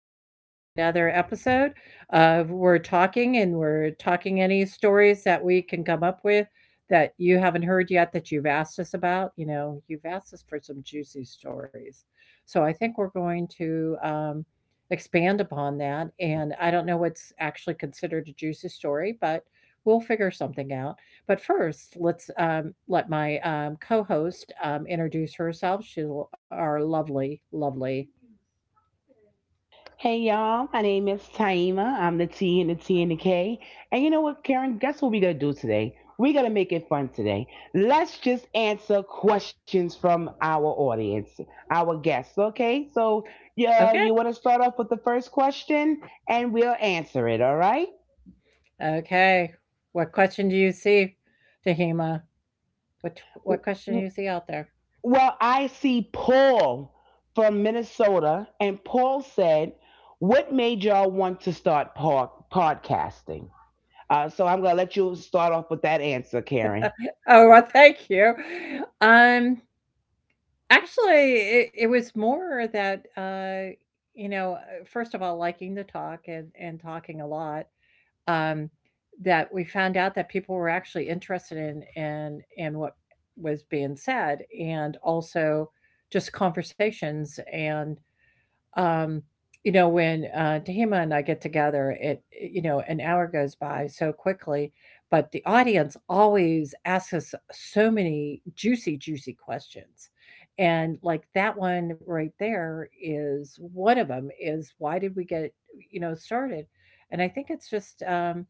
with you with another episode of We're Talking, and we're talking any stories that we can come up with that you haven't heard yet that you've asked us about. You know, you've asked us for some juicy stories. So I think we're going to expand upon that. And I don't know what's actually considered a juicy story, but we'll figure something out. But first, let's let my co-host introduce herself. Our lovely, lovely. Hey y'all, my name is Taima. I'm the T and the T and the K. And you know what, Karen? Guess what we're gonna do today? We're gonna make it fun today. Let's just answer questions from our audience, our guests. Okay, so yeah, Okay, you want to start off with the first question, and we'll answer it. All right? okay. What question do you see, Tahima? What what W- question do w- you see out there? Well, I see Paul from Minnesota, and Paul said, "What made y'all want to start podcasting?" So I'm going to let you start off with that answer, Karen. Oh, well, thank you. Um, Actually, it was more that you know, first of all, liking to talk and talking a lot, um, that we found out that people were actually interested in and what was being said, and also just conversations. And um, you know, when Tahima and I get together, it you know an hour goes by so quickly, but the audience always asks us so many juicy, juicy questions. And like that one right there is one of them is why did we get, you know, started? And I think it's just,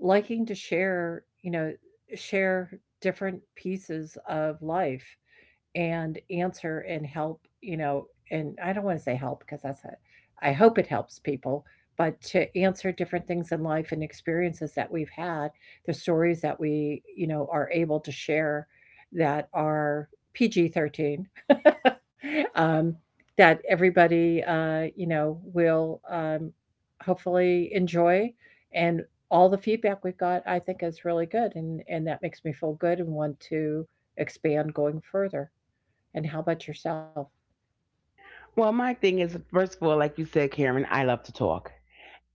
liking to share, you know, share different pieces of life and answer and help, you know, and I don't want to say help because that's it. I hope it helps people, but to answer different things in life and experiences that we've had, the stories that we, you know, are able to share that are PG-13, um, that everybody, you know, will hopefully enjoy. And all the feedback we've got, I think, is really good, and that makes me feel good and want to expand going further. And how about yourself? Well, my thing is, first of all, like you said, Karen, I love to talk.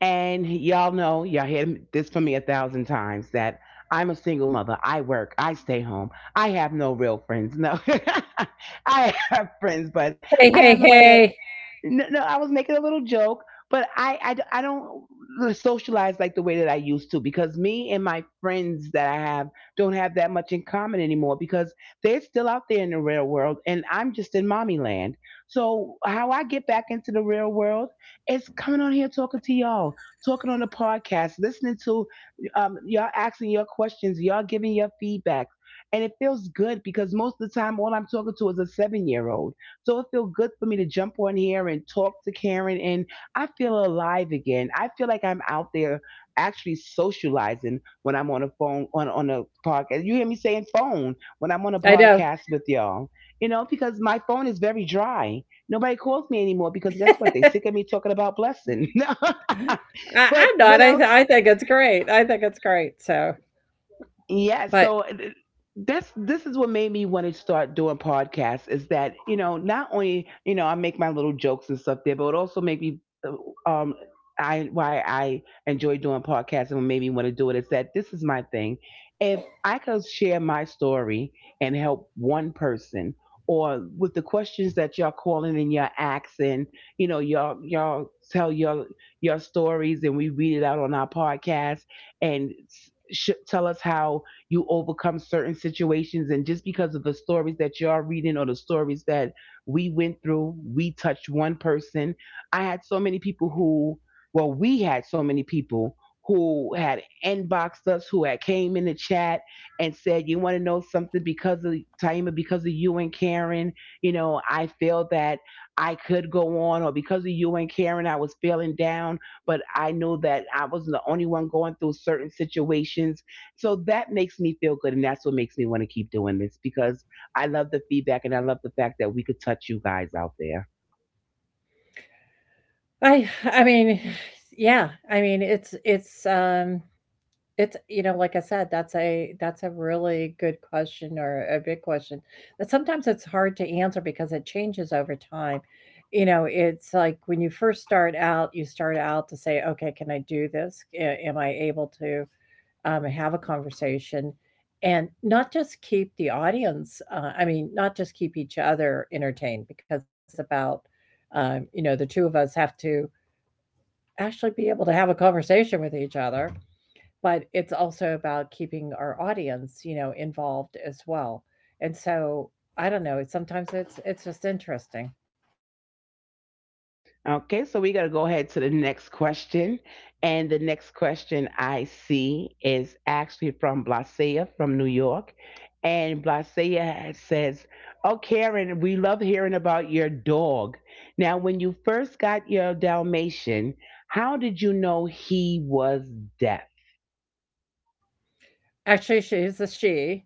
And y'all know, y'all hear this from me a thousand times that I'm a single mother. I work, I stay home. I have no real friends. No, I have friends, but Hey, I have hey, nobody that. hey! No, no, I was making a little joke, but I don't socialize like the way that I used to because me and my friends that I have don't have that much in common anymore because they're still out there in the real world and I'm just in mommy land. So how I get back into the real world is coming on here talking to y'all, talking on the podcast, listening to y'all asking your questions, y'all giving your feedback. And it feels good because most of the time, all I'm talking to is a 7-year old, so it feels good for me to jump on here and talk to Karen, and I feel alive again. I feel like I'm out there actually socializing when I'm on a phone on a podcast. You hear me saying phone when I'm on a I know. podcast with y'all. You know, because my phone is very dry. Nobody calls me anymore because guess what? They sick of me talking about Blessing. I, But I'm what not. Else? I think it's great. I think it's great. So, Yeah, but so th- that's this is what made me want to start doing podcasts is that, you know, not only, you know, I make my little jokes and stuff there, but it also made me uh, um I why I enjoy doing podcasts and what made me want to do it is that this is my thing. If I could share my story and help one person or with the questions that y'all calling and y'all asking, you know, y'all tell your stories and we read it out on our podcast and tell us how you overcome certain situations, and just because of the stories that y'all reading or the stories that we went through, we touched one person. I had so many people who, well, we had so many people who had inboxed us, who had came in the chat and said, you want to know something? Because of Taima, because of you and Karen, you know, I feel that I could go on. Or because of you and Karen, I was feeling down, but I knew that I wasn't the only one going through certain situations. So that makes me feel good. And that's what makes me want to keep doing this because I love the feedback, and I love the fact that we could touch you guys out there. I mean, yeah. I mean, it's you know, like I said, that's a really good question or a big question that sometimes it's hard to answer because it changes over time. You know, it's like when you first start out, you start out to say, "Okay, can I do this? Am I able to have a conversation?" And not just keep the audience, not just keep each other entertained because it is about, you know, the two of us have to actually be able to have a conversation with each other, but it's also about keeping our audience, you know, involved as well. And so I don't know, it's sometimes it's just interesting. Okay, so we got to go ahead to the next question. And the next question I see is actually from Blasea from New York. And Blasea says, "Oh, Karen, we love hearing about your dog. Now, when you first got your Dalmatian, how did you know he was deaf?" Actually, she's a she.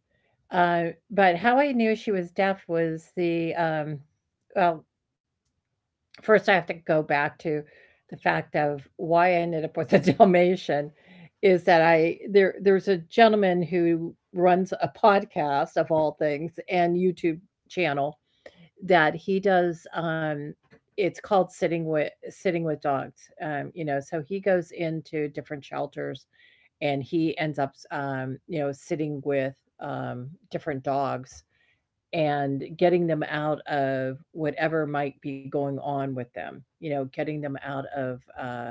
Uh, but how I knew she was deaf was the well, first I have to go back to the fact of why I ended up with a Dalmatian is that I there there's a gentleman who runs a podcast of all things and YouTube channel that he does it's called sitting with dogs, you know, so he goes into different shelters and he ends up, you know, sitting with different dogs and getting them out of whatever might be going on with them, you know, getting them out of,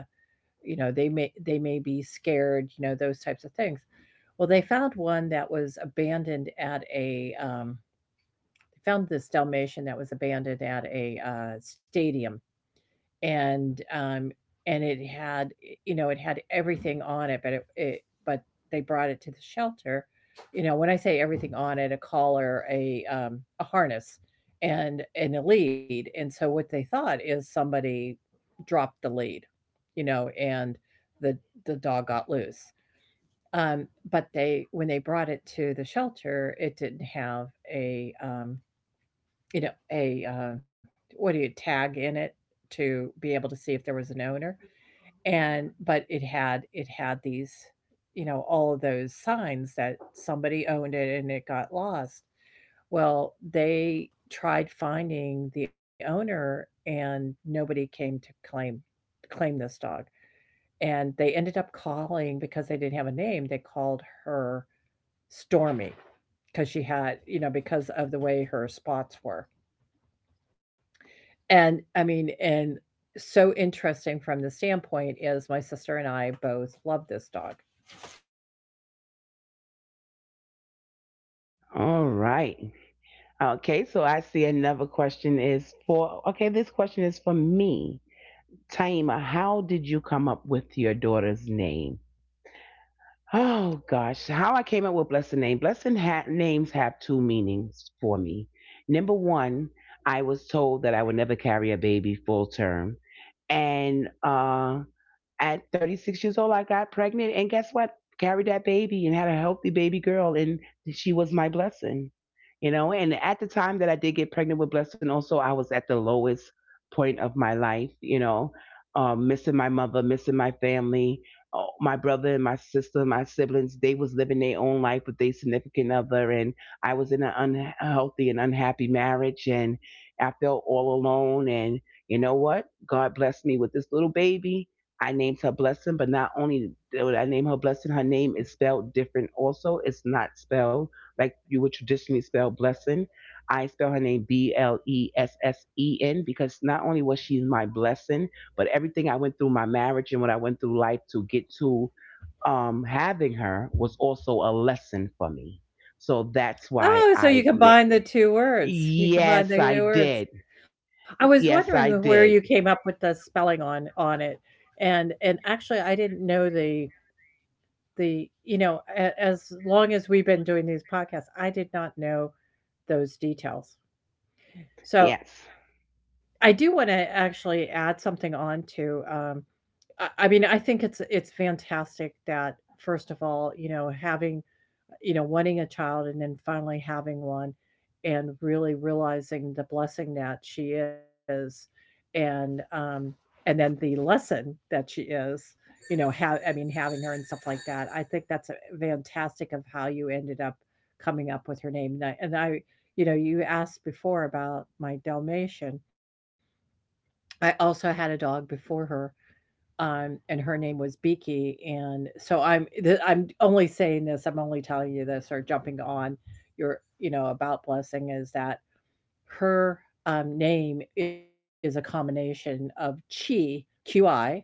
you know, they may be scared, you know, those types of things. Well, they found one that was abandoned at a found this Dalmatian that was abandoned at a stadium, and um, and it had, you know, it had everything on it, but they brought it to the shelter. You know, when I say everything on it, a collar, a harness, and a lead. And so what they thought is somebody dropped the lead, you know, and the the dog got loose. Um, but they when they brought it to the shelter, it didn't have a you know, a, what do you tag in it, to be able to see if there was an owner, and but it had these, you know, all of those signs that somebody owned it and it got lost. Well, they tried finding the owner and nobody came to claim this dog, and they ended up calling, because they didn't have a name, they called her Stormy, because she had, you know, because of the way her spots were. And I mean, and so interesting from the standpoint is my sister and I both love this dog. All right. Okay, so I see another question is for, okay, this question is for me. Taima, how did you come up with your daughter's name? Oh gosh, how I came up with Blessed name. Names have two meanings for me. Number one, I was told that I would never carry a baby full term. And at 36 years old, I got pregnant. And guess what? Carried that baby and had a healthy baby girl. And she was my blessing. You know, and at the time that I did get pregnant with Blessing, also I was at the lowest point of my life, you know, missing my mother, missing my family. Oh, my brother and my sister, my siblings, they was living their own life with their significant other, and I was in an unhealthy and unhappy marriage, and I felt all alone. And you know what? God blessed me with this little baby. I named her Blessing. But not only did I name her Blessing, her name is spelled different also. It's not spelled like you would traditionally spell Blessing. I spell her name Blessen because not only was she my blessing, but everything I went through my marriage and what I went through life to get to having her was also a lesson for me. So that's why Oh, so you I, combine the two words. You combine yes, the I two did. words. I was Yes, I wondering where did. you came up with the spelling on it. And actually I didn't know the you know, as long as we've been doing these podcasts, I did not know those details. So Yes. I do want to actually add something on to, I mean, I think it's fantastic that first of all, you know, having, you know, wanting a child and then finally having one and really realizing the blessing that she is, and um and then the lesson that she is, you know, have I mean having her and stuff like that. I think that's a fantastic of how you ended up coming up with her name. And I, you know, you asked before about my Dalmatian. I also had a dog before her, and her name was Beaky. And so I'm only saying this. I'm only telling you this or jumping on your, you know, about blessing, is that her name is a combination of chi qi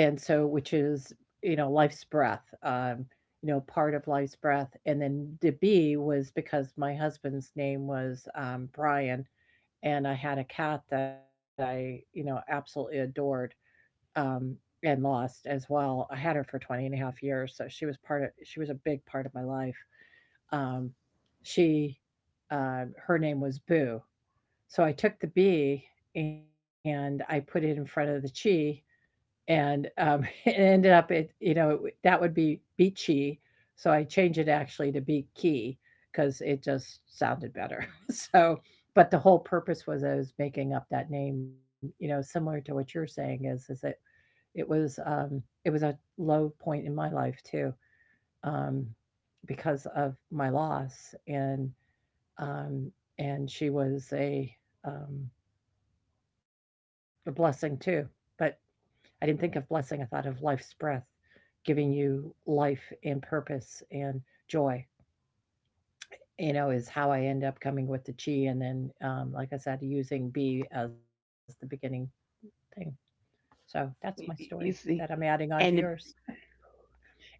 and so, which is, you know, life's breath, you know, part of life's breath. And then the B was because my husband's name was, Brian, and I had a cat that I, you know, absolutely adored, um, and lost as well. I had her for 20 and a half years, so she was part of she was a big part of my life. Um, she, her name was Boo. So I took the B and I put it in front of the chi, and it ended up, it, you know, it, that would be beat chi. So I changed it actually to beat key because it just sounded better. So but the whole purpose was I was making up that name, you know, similar to what you're saying, is that it was, it was a low point in my life too, um, because of my loss, um, and she was um, a blessing too. But I didn't think of blessing; I thought of life's breath, giving you life and purpose and joy. You know, is how I end up coming with the chi, and then, like I said, using B as the beginning thing. So that's my story You see, that I'm adding on to and yours.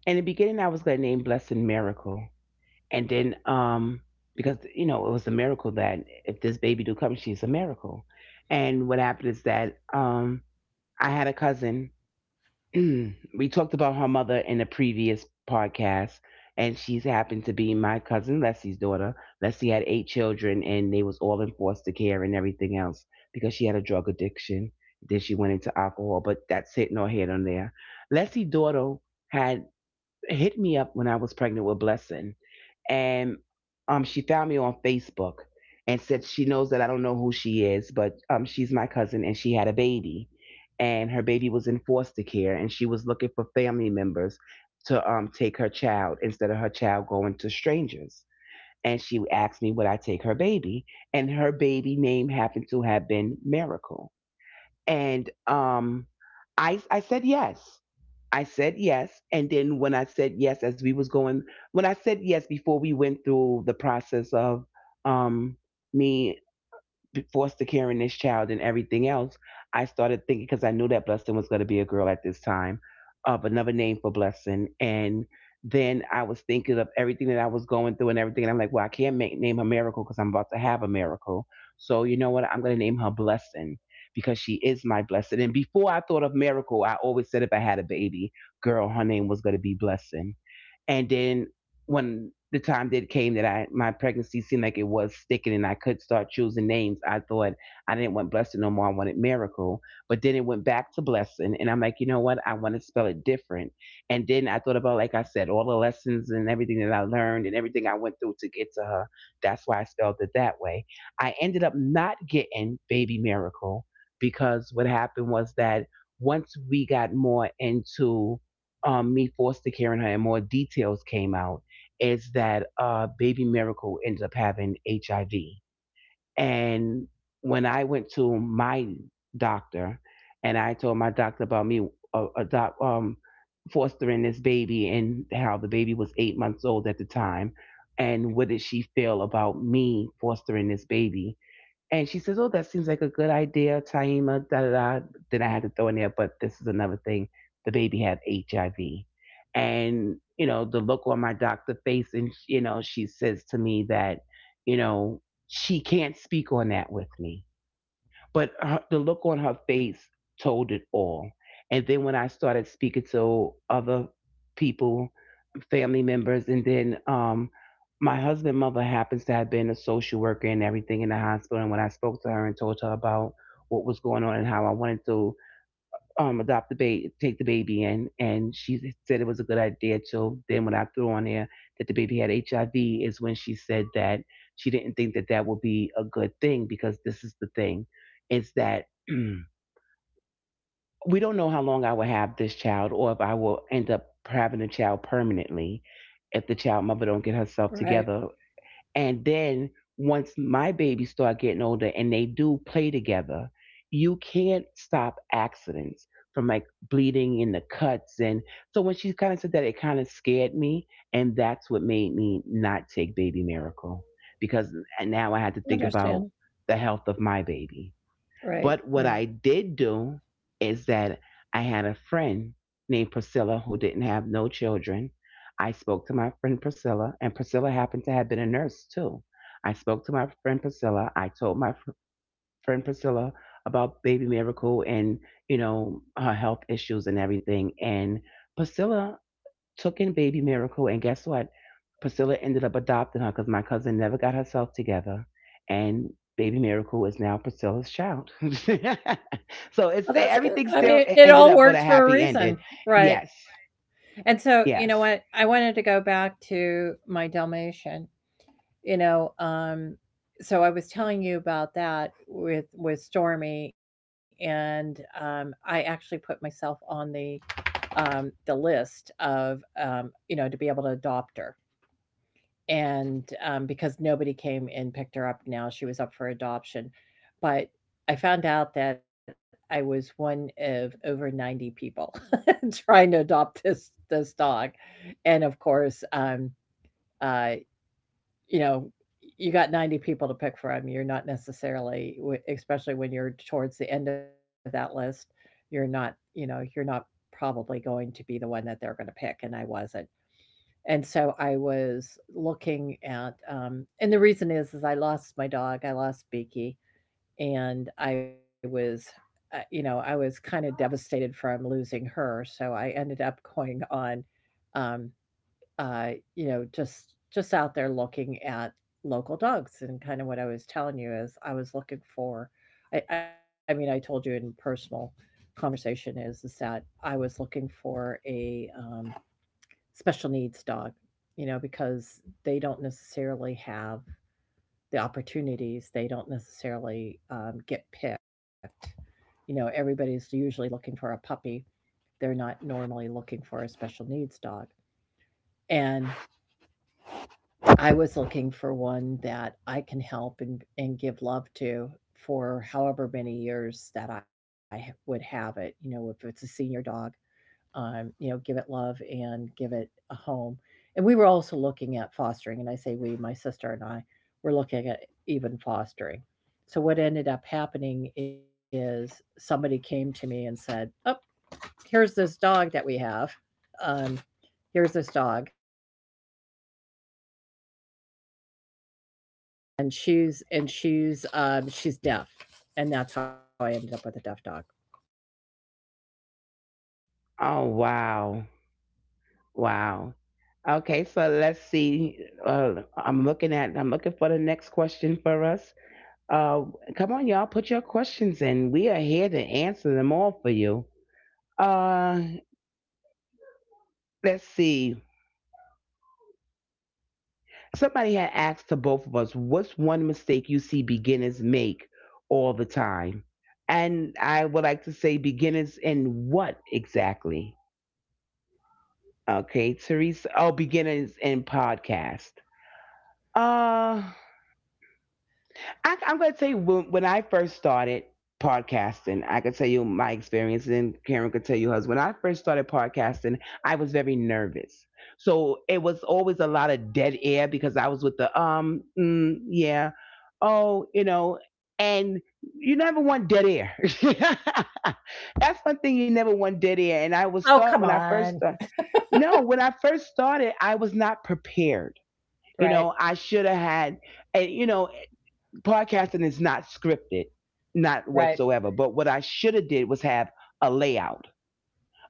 in the beginning, I was going to name Blessing Miracle, and then because you know it was a miracle that if this baby do come, she's a miracle. And what happened is that I had a cousin. We talked about her mother in a previous podcast, and she's happened to be my cousin Leslie's daughter. Leslie had eight children and they was all in foster care and everything else because she had a drug addiction. Then she went into alcohol, but that's it, no head on there. Leslie's daughter had hit me up when I was pregnant with Blessing. And she found me on Facebook and said she knows that I don't know who she is, but she's my cousin and she had a baby, and her baby was in foster care, and she was looking for family members to take her child instead of her child going to strangers. And she asked me would I take her baby, and her baby name happened to have been Miracle. And I said yes. I said yes, and then when I said yes, as we was going, when I said yes before we went through the process of um, me, foster caring this child and everything else, I started thinking, because I knew that Blessing was going to be a girl at this time, of another name for Blessing. And then I was thinking of everything that I was going through and everything. And I'm like, well, I can't make, name her Miracle because I'm about to have a miracle. So you know what? I'm going to name her Blessing because she is my blessing. And before I thought of Miracle, I always said if I had a baby girl, her name was going to be Blessing. And then when the time did came that I my pregnancy seemed like it was sticking and I could start choosing names, I thought I didn't want blessing no more. I wanted miracle. But then it went back to blessing, and I'm like, you know what? I want to spell it different. And then I thought about, like I said, all the lessons and everything that I learned and everything I went through to get to her. That's why I spelled it that way. I ended up not getting baby miracle because what happened was that once we got more into me, Foster Care, her, and more details came out, is that Baby Miracle ended up having HIV. And when I went to my doctor and I told my doctor about me uh, adopt, um, fostering this baby and how the baby was 8 months old at the time, and what did she feel about me fostering this baby? And she says, "Oh, that seems like a good idea, Taima, da da da." Then I had to throw in there, but this is another thing. The baby had HIV. And, you know, the look on my doctor face, and, you know, she says to me that, you know, she can't speak on that with me, but her, the look on her face told it all. And then when I started speaking to other people, family members, and then my husband's mother happens to have been a social worker and everything in the hospital. And when I spoke to her and told her about what was going on and how I wanted to adopt the baby, take the baby in, and she said it was a good idea. Till then, when I threw on there that the baby had HIV, is when she said that she didn't think that that would be a good thing because this is the thing, is that we don't know how long I will have this child, or if I will end up having a child permanently if the child mother don't get herself Right. together and then once my babies start getting older and they do play together, you can't stop accidents from like bleeding in the cuts. And so when she kind of said that, it kind of scared me. And that's what made me not take Baby Miracle because now I had to think about Understand. the health of my baby. Right, But what right. I did do is that I had a friend named Priscilla who didn't have no children. I spoke to my friend Priscilla, and Priscilla happened to have been a nurse too. I spoke to my friend Priscilla. I told my friend Priscilla about Baby Miracle and, you know, her health issues and everything. And Priscilla took in Baby Miracle, and guess what? Priscilla ended up adopting her because my cousin never got herself together, and Baby Miracle is now Priscilla's child. So it's Well, that's good. everything I still mean, it ended all up with a worked for a happy ending. reason, right? Yes, And so, you know yes. what? I wanted to go back to my Dalmatian. You know, so I was telling you about that with Stormy, and I actually put myself on the list of, you know, to be able to adopt her. And because nobody came and picked her up, now she was up for adoption, but I found out that I was one of over 90 people trying to adopt this dog. And of course, uh you know, you got 90 people to pick from, you're not necessarily especially when you're towards the end of that list, you're not, you know, you're not probably going to be the one that they're going to pick. And I wasn't. And so I was looking at, and the reason is I lost my dog, I lost Beaky, and I was, you know, I was kind of devastated from losing her, so I ended up going on, um uh you know, just out there looking at local dogs. And kind of what I was telling you is I was looking for, I told you in personal conversation is that I was looking for a special needs dog, you know, because they don't necessarily have the opportunities. They don't necessarily, get picked. You know, everybody's usually looking for a puppy. They're not normally looking for a special needs dog. And I was looking for one that I can help and give love to, for however many years that I would have it. You know, if it's a senior dog, you know, give it love and give it a home. And we were also looking at fostering, and I say we, my sister and I, were looking at even fostering. So what ended up happening is somebody came to me and said, "Oh, here's this dog that we have. Um, Here's this dog, and she's she's deaf, and that's how I ended up with a deaf dog." Oh wow, wow. Okay, so let's see. I'm looking at. I'm looking for the next question for us. Uh, come on, y'all, put your questions in. We are here to answer them all for you. Uh, let's see. Somebody had asked to both of us, what's one mistake you see beginners make all the time? And I would like to say beginners in what exactly? Okay, Teresa. Oh, beginners in podcast. Uh, I'm going to tell you when I first started podcasting, I could tell you my experience, and Karen could tell you hers. When I first started podcasting, I was very nervous, so it was always a lot of dead air because I was with the yeah, oh, you know, and you never want dead air. That's one thing you never want dead air. And I was Oh, start come when I first on! started. No, when I first started, I was not prepared. You Right, know, I should have had, and you know, podcasting is not scripted, not right. whatsoever. But what I should have did was have a layout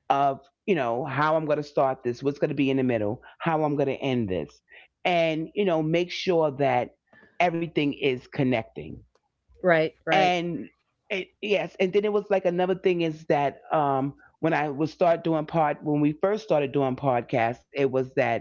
of, you know, how I'm going to start this, what's going to be in the middle, how I'm going to end this, and you know, make sure that everything is connecting Right, right. and it, yes. And then it was like another thing is that when I would start doing pod when we first started doing podcasts, it was that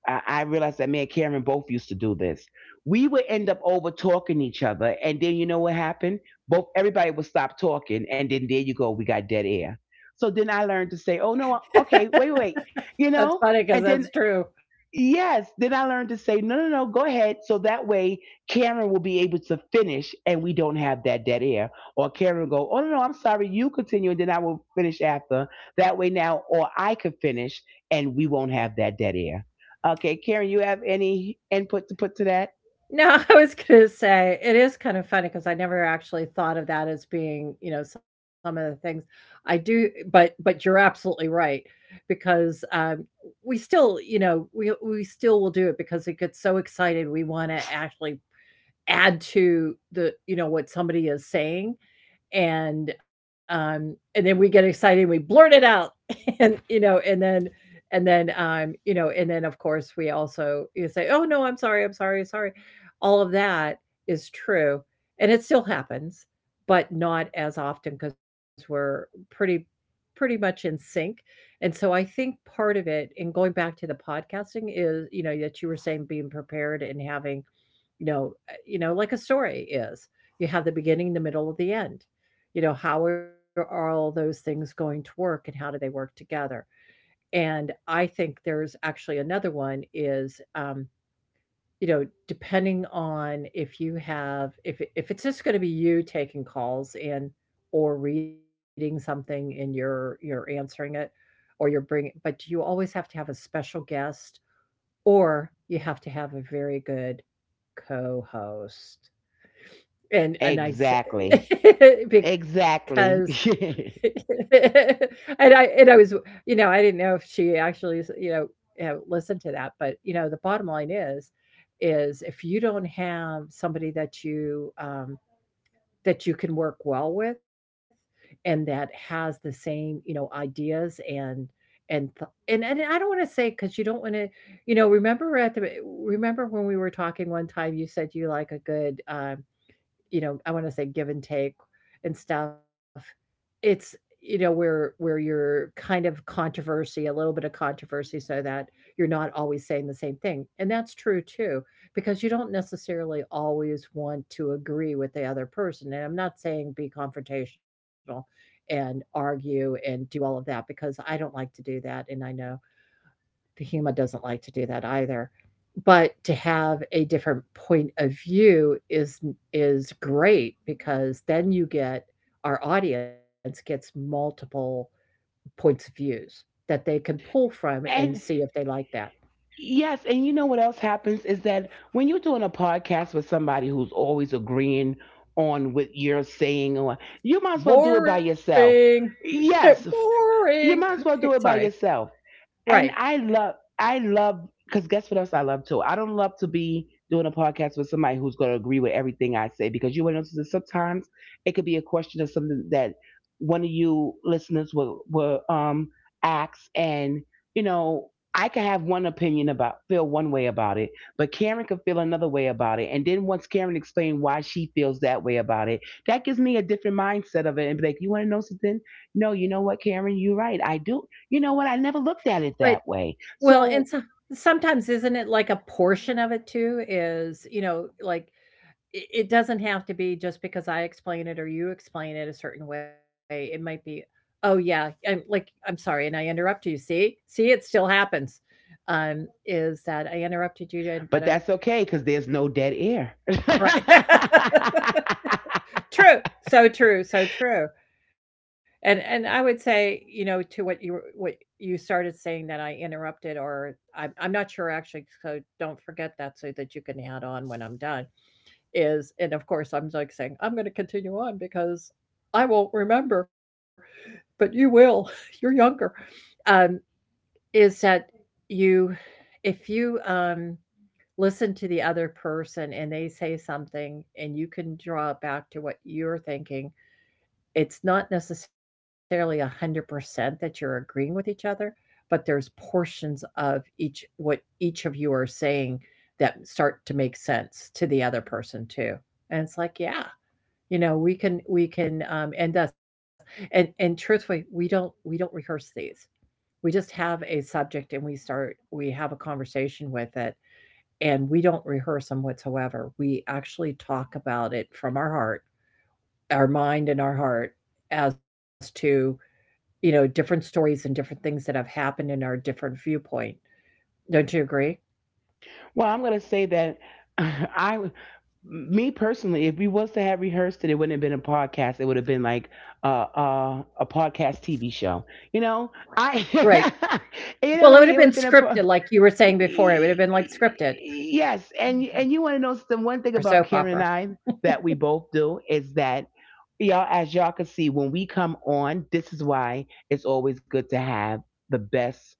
I realized that me and Karen both used to do this. We would end up over talking each other, and then you know what happened? Both everybody would stop talking, and then there you go, we got dead air. So then I learned to say, oh no, okay, wait, wait, you That's know. funny because And then that's true. yes. Then I learned to say, no, no, no, go ahead. So that way Karen will be able to finish and we don't have that dead air. Or Karen will go, oh, no, no, I'm sorry. You continue and then I will finish after. That way now, or I could finish and we won't have that dead air. Okay. Karen, you have any input to put to that? No, I was gonna say, it is kind of funny because I never actually thought of that as being, you know, some of the things I do, but you're absolutely right because, we still, you know, we still will do it because we get so excited we wanna actually add to the, you know, what somebody is saying. And and then we get excited, we blurt it out. and you know and then you know, and then of course we also, you say, "Oh no, I'm sorry, I'm sorry, sorry," all of that is true, and it still happens, but not as often because we're pretty pretty much in sync. And so I think part of it, and going back to the podcasting, is, you know, that you were saying, being prepared and having, you know, you know, like a story is, you have the beginning, the middle of the end. You know, how are all those things going to work, and how do they work together? And I think there's actually another one is, you know, depending on if you have, if it's just going to be you taking calls and or reading something and you're answering it, or you're bringing, but you always have to have a special guest, or you have to have a very good co-host. and and I s- Exactly. because, Exactly. and I was, you know, I didn't know if she actually, you know, listened to that, but, you know, the bottom line is if you don't have somebody that you can work well with, and that has the same, you know, ideas, and th and I don't wanna say because you don't wanna, you know, remember at the remember when we were talking one time, you said you like a good, you know, I want to say, give and take and stuff. It's, you know, where you're kind of controversy, a little bit of controversy, so that you're not always saying the same thing, and that's true too, because you don't necessarily always want to agree with the other person. And I'm not saying be confrontational and argue and do all of that, because I don't like to do that, and I know Tahima doesn't like to do that either. But to have a different point of view is great, because then you get, our audience gets multiple points of views that they can pull from And and see if they like that. yes, and you know what else happens is that when you're doing a podcast with somebody who's always agreeing on what you're saying, or you might as well do it by yourself. Boring. Yes, you might Boring. as well do it by Sorry. yourself. And Right. I love, because guess what else I love too? I don't love to be doing a podcast with somebody who's going to agree with everything I say, because you will notice that sometimes it could be a question of something that one of you listeners will ask. And, you know, I could have one opinion about, feel one way about it, but Karen could feel another way about it. And then once Karen explained why she feels that way about it, that gives me a different mindset of it and be like, you want to know something? No, you know what, Karen? You're right. I do. You know what? I never looked at it But, that way. well, So, and so, sometimes isn't it like a portion of it too is, you know, like, it doesn't have to be just because I explain it or you explain it a certain way. It might be, oh yeah, I'm sorry, and I interrupted you. See, see, it still happens. Is that I interrupted you? And but but that's okay because there's no dead air. Right, true, so true, so true. And I would say, you know, to what you were- what you started saying that I interrupted, or I'm not sure actually. So don't forget that, so that you can add on when I'm done. Is, and of course, I'm like saying I'm going to continue on because I won't remember, but you will. You're younger. um, is that, you, if you, listen to the other person and they say something and you can draw back to what you're thinking, it's not necessarily a 100% that you're agreeing with each other, but there's portions of each what each of you are saying that start to make sense to the other person too. And it's like, yeah, you know, we can and thus, and truthfully, we don't rehearse these. We just have a subject and we have a conversation with it, and we don't rehearse them whatsoever. We actually talk about it from our heart, our mind and our heart, as to, you know, different stories and different things that have happened in our different viewpoint. Don't you agree? Well, I'm going to say that I, me personally, if we was to have rehearsed it, it wouldn't have been a podcast. It would have been like a podcast TV show. You know, Right. I, Well, you it know would what have I been mean. It would have scripted been a, like you were saying before. It would have been like scripted yes, and you want to know the one thing or about soap Karen and opera. I that we both do is that y'all, as y'all can see, when we come on, this is why it's always good to have the best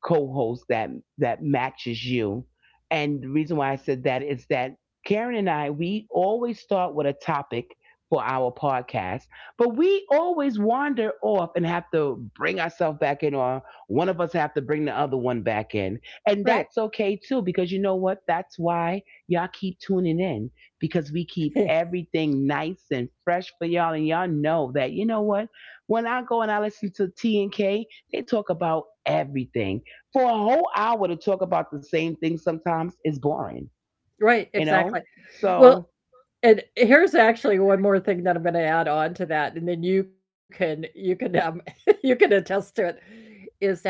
co-host that that matches you. And the reason why I said that is that Karen and I, we always start with a topic for our podcast, but we always wander off and have to bring ourselves back in, or one of us have to bring the other one back in. And Right. that's okay too, because you know what? That's why y'all keep tuning in, because we keep everything nice and fresh for y'all. And y'all know that, you know what? When I go and I listen to T and K, they talk about everything for a whole hour to talk about the same thing sometimes is boring, Right. you know? Exactly. Well, So, and here's actually one more thing that I'm gonna add on to that, and then you can you can attest to it, is that,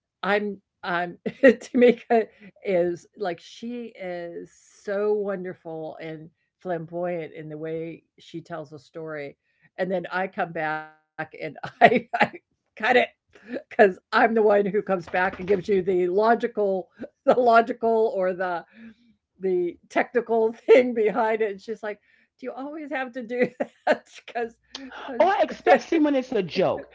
I'm I'm Tamika is like, she is so wonderful and flamboyant in the way she tells a story, and then I come back, and I kind of, because 'cause I'm the one who comes back and gives you the logical the logical or the technical thing behind it. And she's like, "Do you always have to do that?" Because, or because, especially when it's a joke,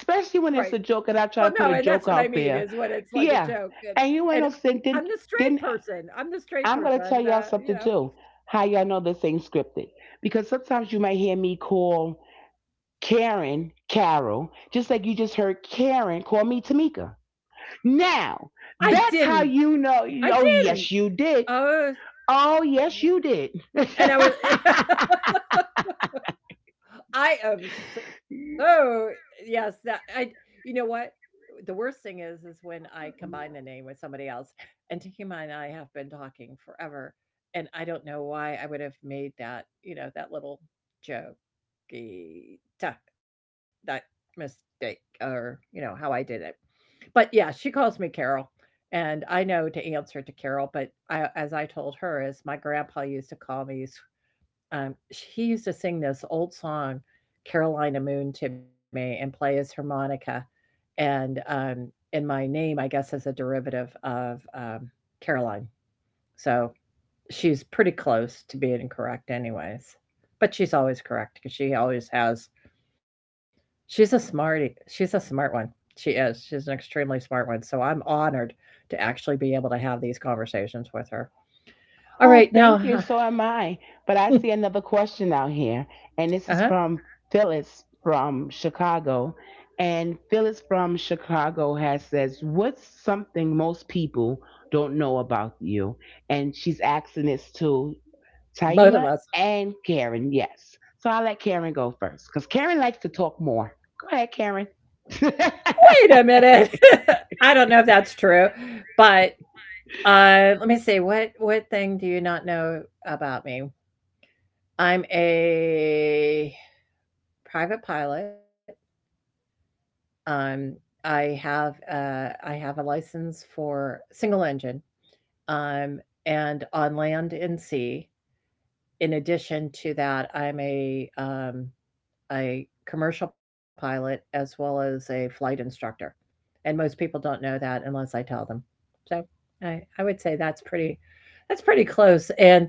right? when it's a joke Well, and I no, try to and put a that's what I joke mean, out is there. when it's like a joke, Yeah. and And you and ain't no sin. I'm the straight Then person. I'm the straight I'm going person. to I'm tell y'all the, you something know. too. How y'all know this ain't scripted. Because sometimes you might hear me call Karen Carol, just like you just heard Karen call me Tamika. Now, I that's didn't. how you know. I Oh, didn't. yes, you did. Oh, Oh, yes, yeah. you did. And I was. I am so, yes, that I, you know what? The worst thing is when I combine the name with somebody else. And Tahima and I have been talking forever, and I don't know why I would have made that, you know, that little jokey ta- that mistake, or, you know, how I did it. But yeah, she calls me Carol, and I know to answer to Carol, but, I as I told her is my grandpa used to call me, sh he used to sing this old song, "Carolina Moon" to me, and play his harmonica, and, um and my name, I guess, is a derivative of, Caroline. So, she's pretty close to being correct anyways, but she's always correct because she always has she's a smarty. She's a smart one. She is. She's an extremely smart one, so I'm honored to actually be able to have these conversations with her. Alright, Oh, now. thank you. So am I. But I see another question out here, and this is Uh-huh. from Phyllis from Chicago. And Phyllis from Chicago has says, "What's something most people don't know about you?" And she's asking this to Both of Taima us. and Karen. Yes. So I'll let Karen go first, because Karen likes to talk more. Go ahead, Karen. Wait a minute. I don't know if that's true, but, let me see, what thing do you not know about me? I'm a private pilot. Um, I have a license for single engine, um, and on land and sea. In addition to that, I'm a commercial pilot, as well as a flight instructor. And most people don't know that unless I tell them. So I would say that's pretty close. And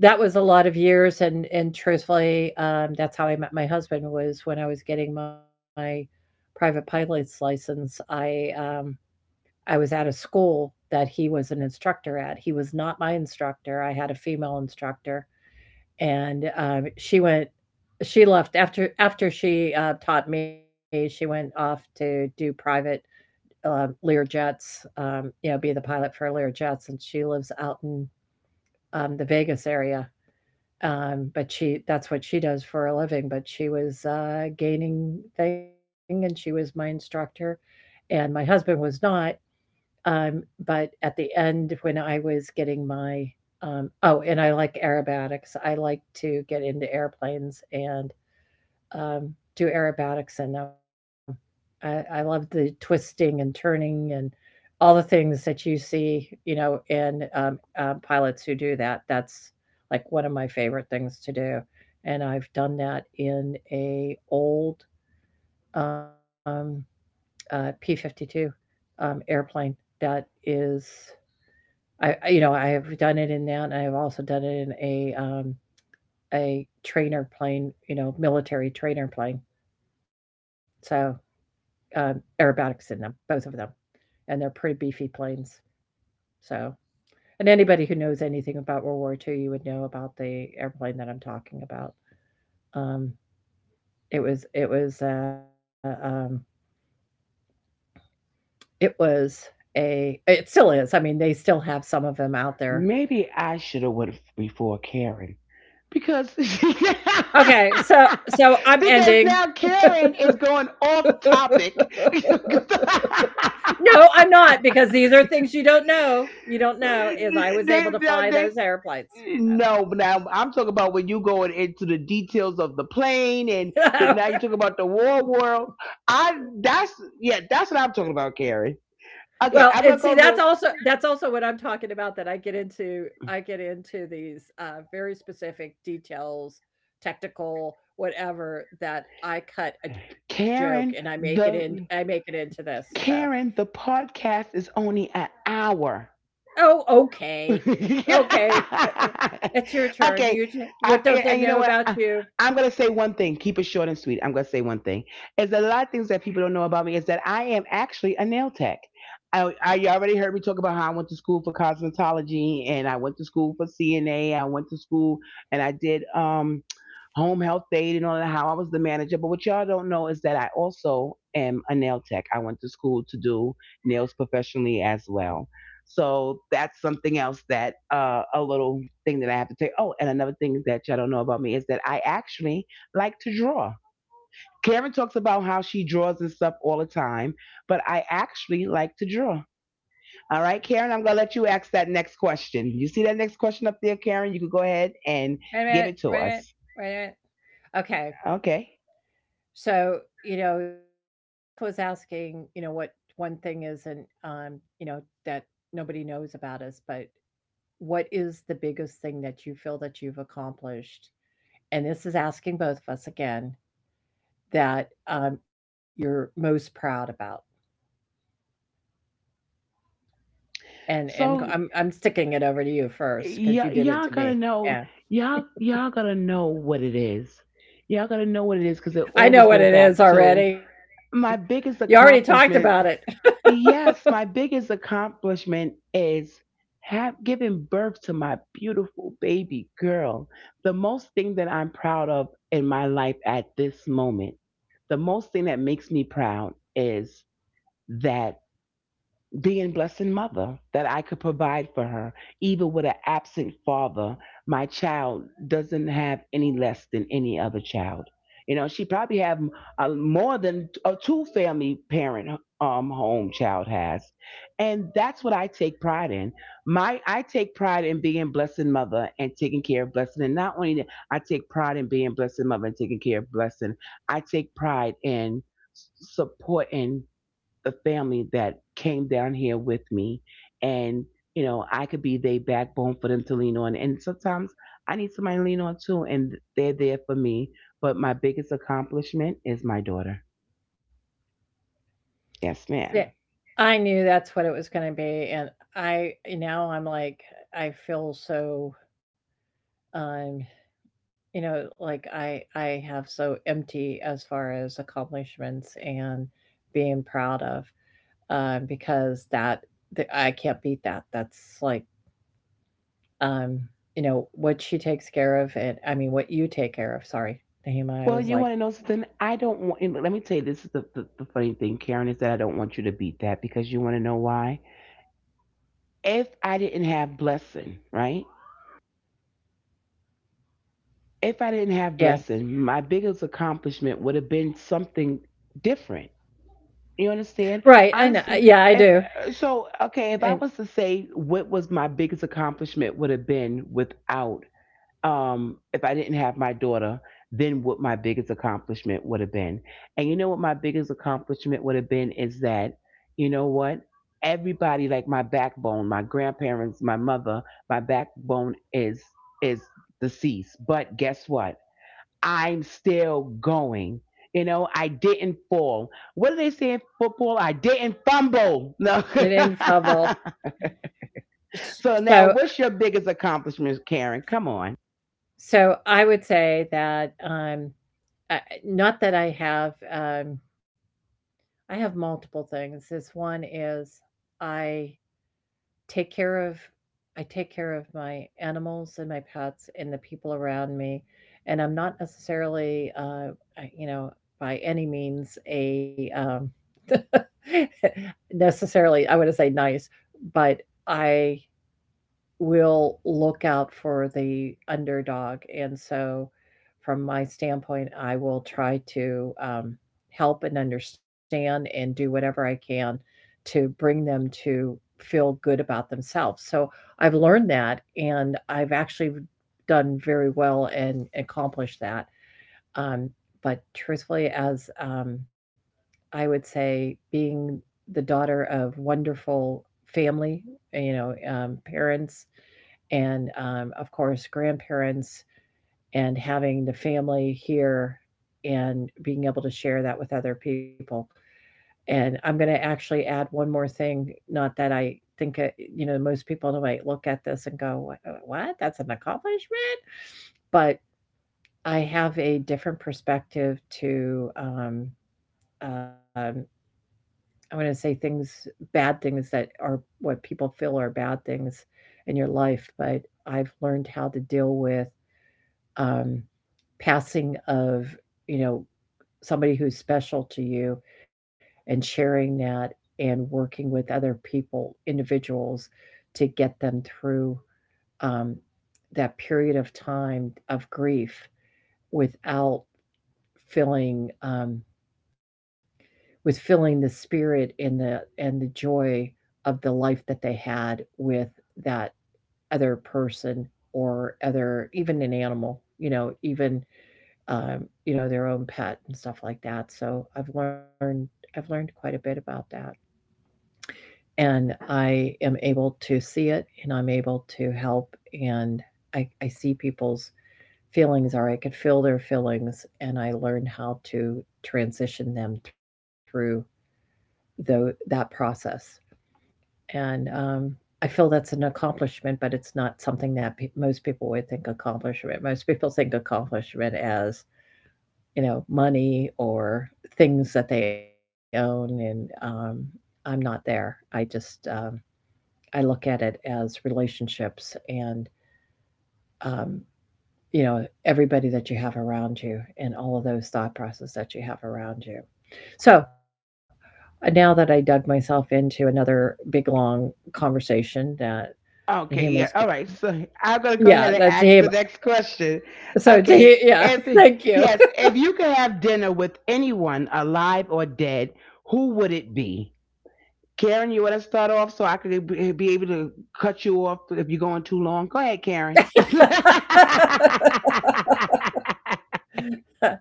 that was a lot of years. And truthfully, that's how I met my husband, was when I was getting my private pilot's license. I was at a school that he was an instructor at. He was not my instructor. I had a female instructor, and she went. She left after she taught me. She went off to do private, Learjet's, you know, be the pilot for Learjets, and she lives out in, the Vegas area. But she that's what she does for a living. But she was, gaining thing, and she was my instructor, and my husband was not. But at the end, when I was getting my, oh, and I like aerobatics. I like to get into airplanes and, um, do aerobatics in them. I love the twisting and turning and all the things that you see, you know, in, pilots who do that. That's like one of my favorite things to do, and I've done that in a old, um, P-52, airplane that is. You know, I have done it in that, and I have also done it in a, a trainer plane, you know, military trainer plane. So, aerobatics in them, both of them, and they're pretty beefy planes. So, and anybody who knows anything about World War Two, you would know about the airplane that I'm talking about. Um, it was it was it was A, it still is. I mean, they still have some of them out there. Maybe I should have went before Karen because because Okay, so I'm ending. now Karen is going off topic. No, I'm not, because these are things you don't know. You don't know is I was able to they, fly those they, airplanes. no, but now I'm talking about when you going into the details of the plane, and So. now you talking about the war world. I that's yeah, that's what I'm talking about, Karen. Well, Okay, and I'm see, gonna go that's real. also what I'm talking about, that I get into these, very specific details, technical, whatever, that I cut a joke and Karen, I make it the into this, so. Karen, the podcast is only an hour. "Oh, okay. Okay. Okay, it's your turn, you t what yeah, don't they and you know know what? about you? I'm going to say one thing. Keep it short and sweet. I'm going to say one thing. Is that a lot of things that people don't know about me is that I am actually a nail tech. I you already heard me talk about how I went to school for cosmetology and I went to school for CNA. I went to school and I did home health aid and all that, how I was the manager. But what y'all don't know is that I also am a nail tech. I went to school to do nails professionally as well. So that's something else that a little thing that I have to take. Oh, and another thing that y'all don't know about me is that I actually like to draw. Karen talks about how she draws and stuff all the time, but I actually like to draw. All right, Karen, I'm gonna let you ask that next question. You see that next question up there, Karen? You can go ahead and Wait a give minute, it to wait a minute, us. wait a minute. Okay, Okay. so, you know, this was asking, you know, what one thing is and, you know, that nobody knows about us, but what is the biggest thing that you feel that you've accomplished? And this is asking both of us again that you're most proud about. And So I'm sticking it over to you first because you y- did it y'all to gotta me. know, Yeah, y'all gotta know what it is. Y'all gotta know what it is because it I always know what go it is back to already. You my already talked biggest about it. accomplishment, yes, my biggest accomplishment is have given birth to my beautiful baby girl. The most thing that I'm proud of in my life at this moment, the most thing that makes me proud is that being blessed mother that I could provide for her. Even with an absent father, my child doesn't have any less than any other child. You know, she probably have a, more than a two family parent home child has, and that's what I take pride in. My I take pride in being blessed mother and taking care of blessing, and not only that, I take pride in being blessed mother and taking care of blessing. I take pride in supporting a family that came down here with me. And you know, I could be their backbone for them to lean on, and sometimes I need somebody to lean on too, and they're there for me. But my biggest accomplishment is my daughter. Yes, ma'am. Yeah, I knew that's what it was gonna be, and I now I'm like, I feel so, um, you know, like I have so empty as far as accomplishments and being proud of, because that th I can't beat that. That's like, um, you know, what she takes care of it I mean, what you take care of, sorry, Naima, I Well, was you like, want to know something? I don't want, and let me tell you, this is the funny thing, Karen, is that I don't want you to beat that, because you want to know why? If I didn't have Blessing, right? If I didn't have yeah, Blessing, my biggest accomplishment would have been something different. You understand? right, I know, Honestly, yeah, I if, do, so, okay, if I and was to say what was my biggest accomplishment would have been without, if I didn't have my daughter, then what my biggest accomplishment would have been. And you know what my biggest accomplishment would have been is that, you know what? Everybody, like my backbone, my grandparents, my mother, my backbone is, is deceased. But guess what? I'm still going. You know, I didn't fall. What do they say in football? I didn't fumble. No. it infallible. S So now, so what's your biggest accomplishment, Karen? Come on. So I would say that, I not that I have multiple things. This one is I take care of I take care of my animals and my pets and the people around me, and I'm not necessarily, I you know, by any means a, necessarily, I would say nice, but I will look out for the underdog. And so, from my standpoint, I will try to help and understand and do whatever I can to bring them to feel good about themselves. So, I've learned that and I've actually done very well and accomplished that. Um, but truthfully, as I would say, being the daughter of wonderful family, you know, parents, and of course grandparents and having the family here and being able to share that with other people, and I'm going to actually add one more thing. Not that I think it, most people might look at this and go, what, that's an accomplishment? But I have a different perspective to um, I want to say things, bad things, that are what people feel are bad things in your life. But I've learned how to deal with, um, passing of, you know, somebody who's special to you, and sharing that, and working with other people, individuals, to get them through um, that period of time of grief without feeling with feeling the spirit and the joy of the life that they had with that other person, or other, even an animal, you know, even you know, their own pet and stuff like that. So I've learned quite a bit about that. And I am able to see it, and I'm able to help, and I see people's feelings, or I could feel their feelings, and I learn how to transition them through that process. And I feel that's an accomplishment, but it's not something that most people would think accomplishment. Most people think accomplishment as, you know, money or things that they own, and I'm not there. I just I look at it as relationships and, um, you know, everybody that you have around you and all of those thought processes that you have around you. So now that I dug myself into another big long conversation that Okay, yeah. Hima's go- All right. So I'm going to go yeah, ahead and that's ask Hima. the next question. So to Okay. yeah, If, thank you. yes, if you could have dinner with anyone alive or dead, who would it be? Karen, you want to start off so I could be able to cut you off if you're going too long? Go ahead, Karen.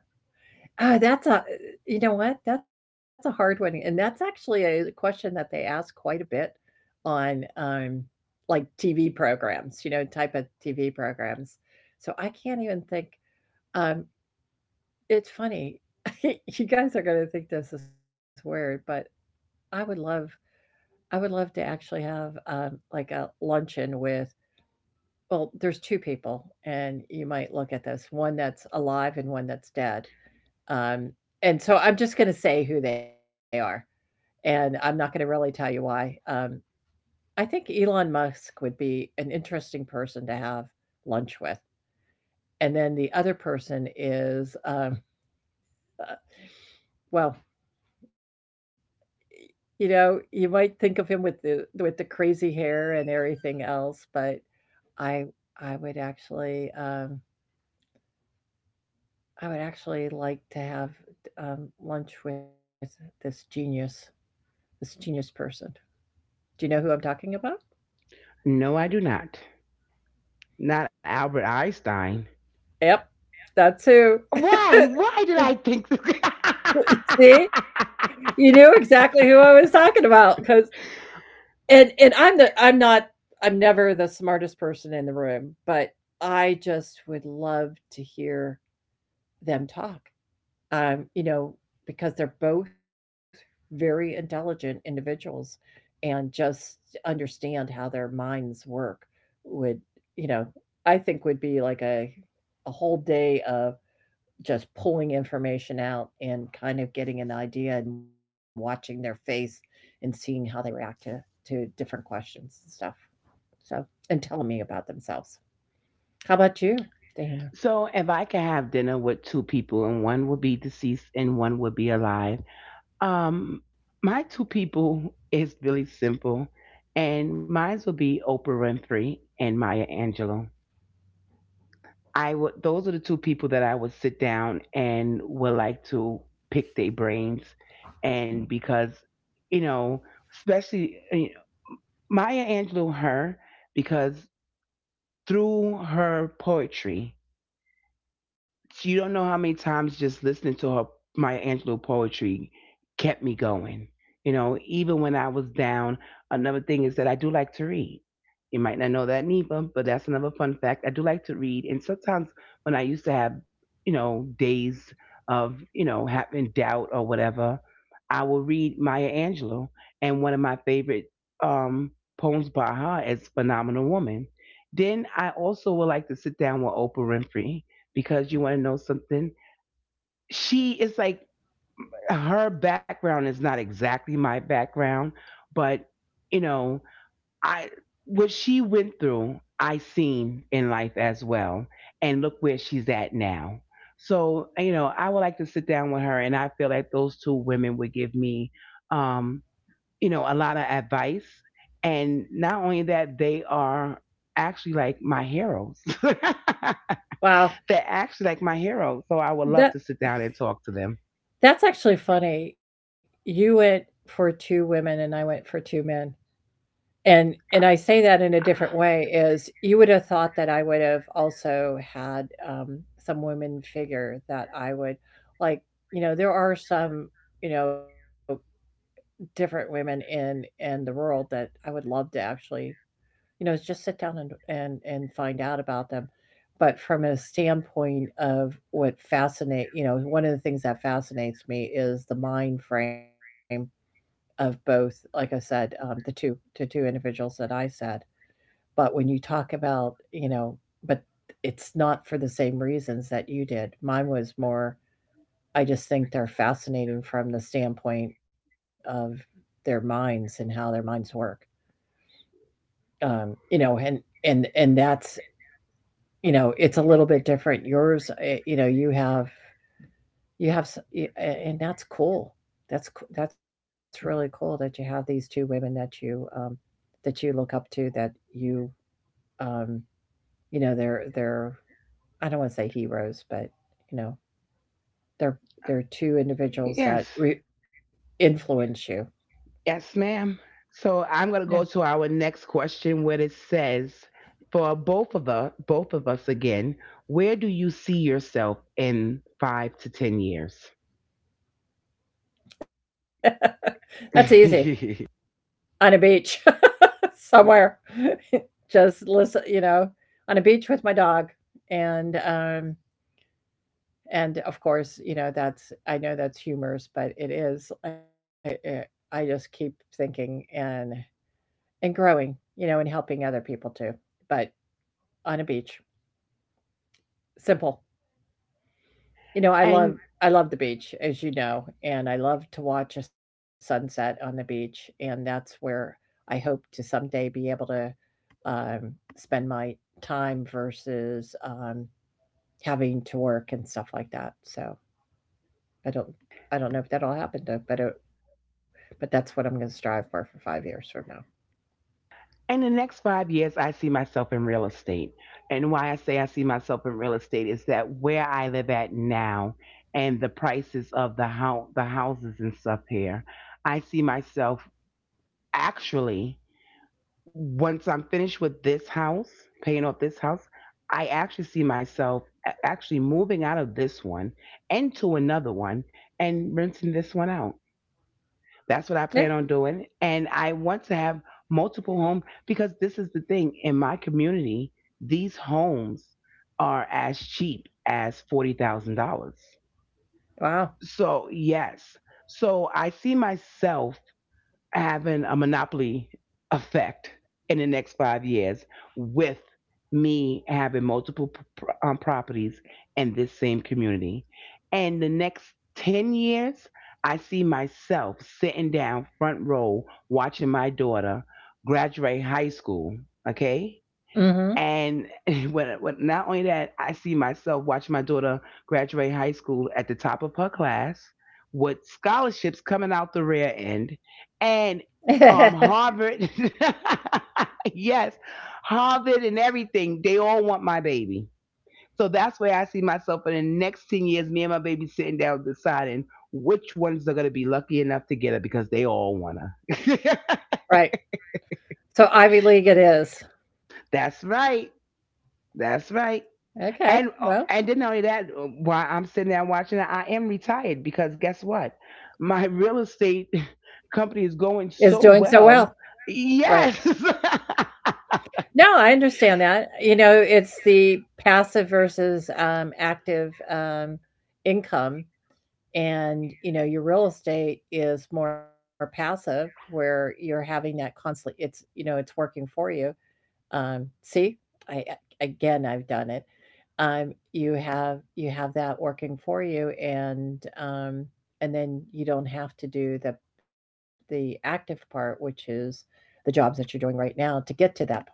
Oh, that's a, you know what? That's a hard one, and that's actually a question that they ask quite a bit on, like, TV programs, you know, type of TV programs. So I can't even think, um, it's funny. You guys are gonna think this is weird, but I would love I would love to actually have, like, a luncheon with, well, there's two people, and you might look at this, one that's alive and one that's dead, um, and so I'm just gonna say who they are. And I'm not gonna really tell you why. I think Elon Musk would be an interesting person to have lunch with. And then the other person is, uh, well, you know, you might think of him with the crazy hair and everything else, but I I would actually um, I would actually like to have lunch with this genius this genius person. Do you know who I'm talking about? No, I do not. Not Albert Einstein. Yep, that's who. Why? Why did I think that? See, you knew exactly who I was talking about, cause and I'm not, I'm never the smartest person in the room, but I just would love to hear them talk. You know, because they're both very intelligent individuals and just understand how their minds work would, you know, I think would be like a whole day of just pulling information out and kind of getting an idea and watching their face and seeing how they react to different questions and stuff. So and telling me about themselves. How about you, So, Dana? if I could have dinner with two people, and one would be deceased and one would be alive, Um, my two people is really simple, and mine will be Oprah Winfrey and Maya Angelou. I would; those are the two people that I would sit down and would like to pick their brains. And because, you know, especially, you know, Maya Angelou, her, because, through her poetry. So you don't know how many times just listening to her Maya Angelou poetry kept me going. You know, even when I was down. Another thing is that I do like to read. You might not know that, Neva, but that's another fun fact. I do like to read, and sometimes when I used to have, you know, days of, you know, having doubt or whatever, I will read Maya Angelou, and one of my favorite um, poems by her is "Phenomenal Woman." Then I also would like to sit down with Oprah Winfrey, because you want to know something. She is like, her background is not exactly my background, but, you know, I, what she went through, I seen in life as well. And look where she's at now. So, you know, I would like to sit down with her, and I feel like those two women would give me, um, you know, a lot of advice. And not only that, they are actually like my heroes. They're Wow, actually like my hero, so I would love to sit down that and talk to them. that's actually funny. You went for two women and I went for two men. And I say that in a different way is you would have thought that I would have also had some women figure that I would like. You know, there are some, you know, different women in the world that I would love to actually, you know, just sit down and and find out about them. But from a standpoint of what fascinate, you know, one of the things that fascinates me is the mind frame of both. Like I said, the two, individuals that I said. But when you talk about, you know, but it's not for the same reasons that you did. Mine was more I just think they're fascinating from the standpoint of their minds and how their minds work. You know, and that's, you know, it's a little bit different. Yours, eh, you know, you have, and that's cool. That's really cool that you have these two women that you look up to, that you um, you know, they're, I don't want to say heroes, but, you know, they're they're two Yes, individuals that influence you. yes, ma'am. So I'm gonna go to our next question, where it says, for both of us again, where do you see yourself in 5 to 10 years? That's easy. On a beach somewhere. Just listen, you know, on a beach with my dog and um and of course, you know, that's, I know that's humorous, but it is, I just keep thinking and growing, you know, and helping other people too. But on a beach, simple. You And know, I love the beach, as you know, and I love to watch a sunset on the beach, and that's where I hope to someday be able to um, spend my time versus having to work and stuff like that. So I don't I don't know if that'll happen though, but but that's what I'm going to strive for 5 years from now. in the next 5 years, I see myself in real estate. And why I say I see myself in real estate is that where I live at now, and the prices of the houses and stuff here, I see myself, actually, once I'm finished with this house, paying off this house, I actually see myself actually moving out of this one into another one, and renting this one out. That's what I Yeah. plan on doing. And I want to have multiple homes, because this is the thing in my community, these homes are as cheap as $40,000. Wow. So, yes. So, I see myself having a monopoly effect in the next 5 years, with me having multiple properties in this same community. And the next 10 years, I see myself sitting down front row watching my daughter graduate high school, okay? Mm-hmm. And when not only that, I see myself watching my daughter graduate high school at the top of her class, with scholarships coming out the rear end and Harvard. Yes, Harvard and everything, they all want my baby. So that's where I see myself in the next 10 years, me and my baby sitting down deciding which ones are going to be lucky enough to get her, because they all want her. Right. So Ivy League it is. That's right. That's right. And uh, Okay. and then not only Well, that, while I'm sitting there watching it, I am retired, because guess what? My real estate company is going it's so doing so well. well. Yes, Right. No, I understand that. You know, it's the passive versus active income, and you know your real estate is more passive where you're having that constantly, it's, you know, it's working for you. See, I again, I've done it. You have that working for you, and then you don't have to do the active part, which is the jobs that you're doing right now to get to that point.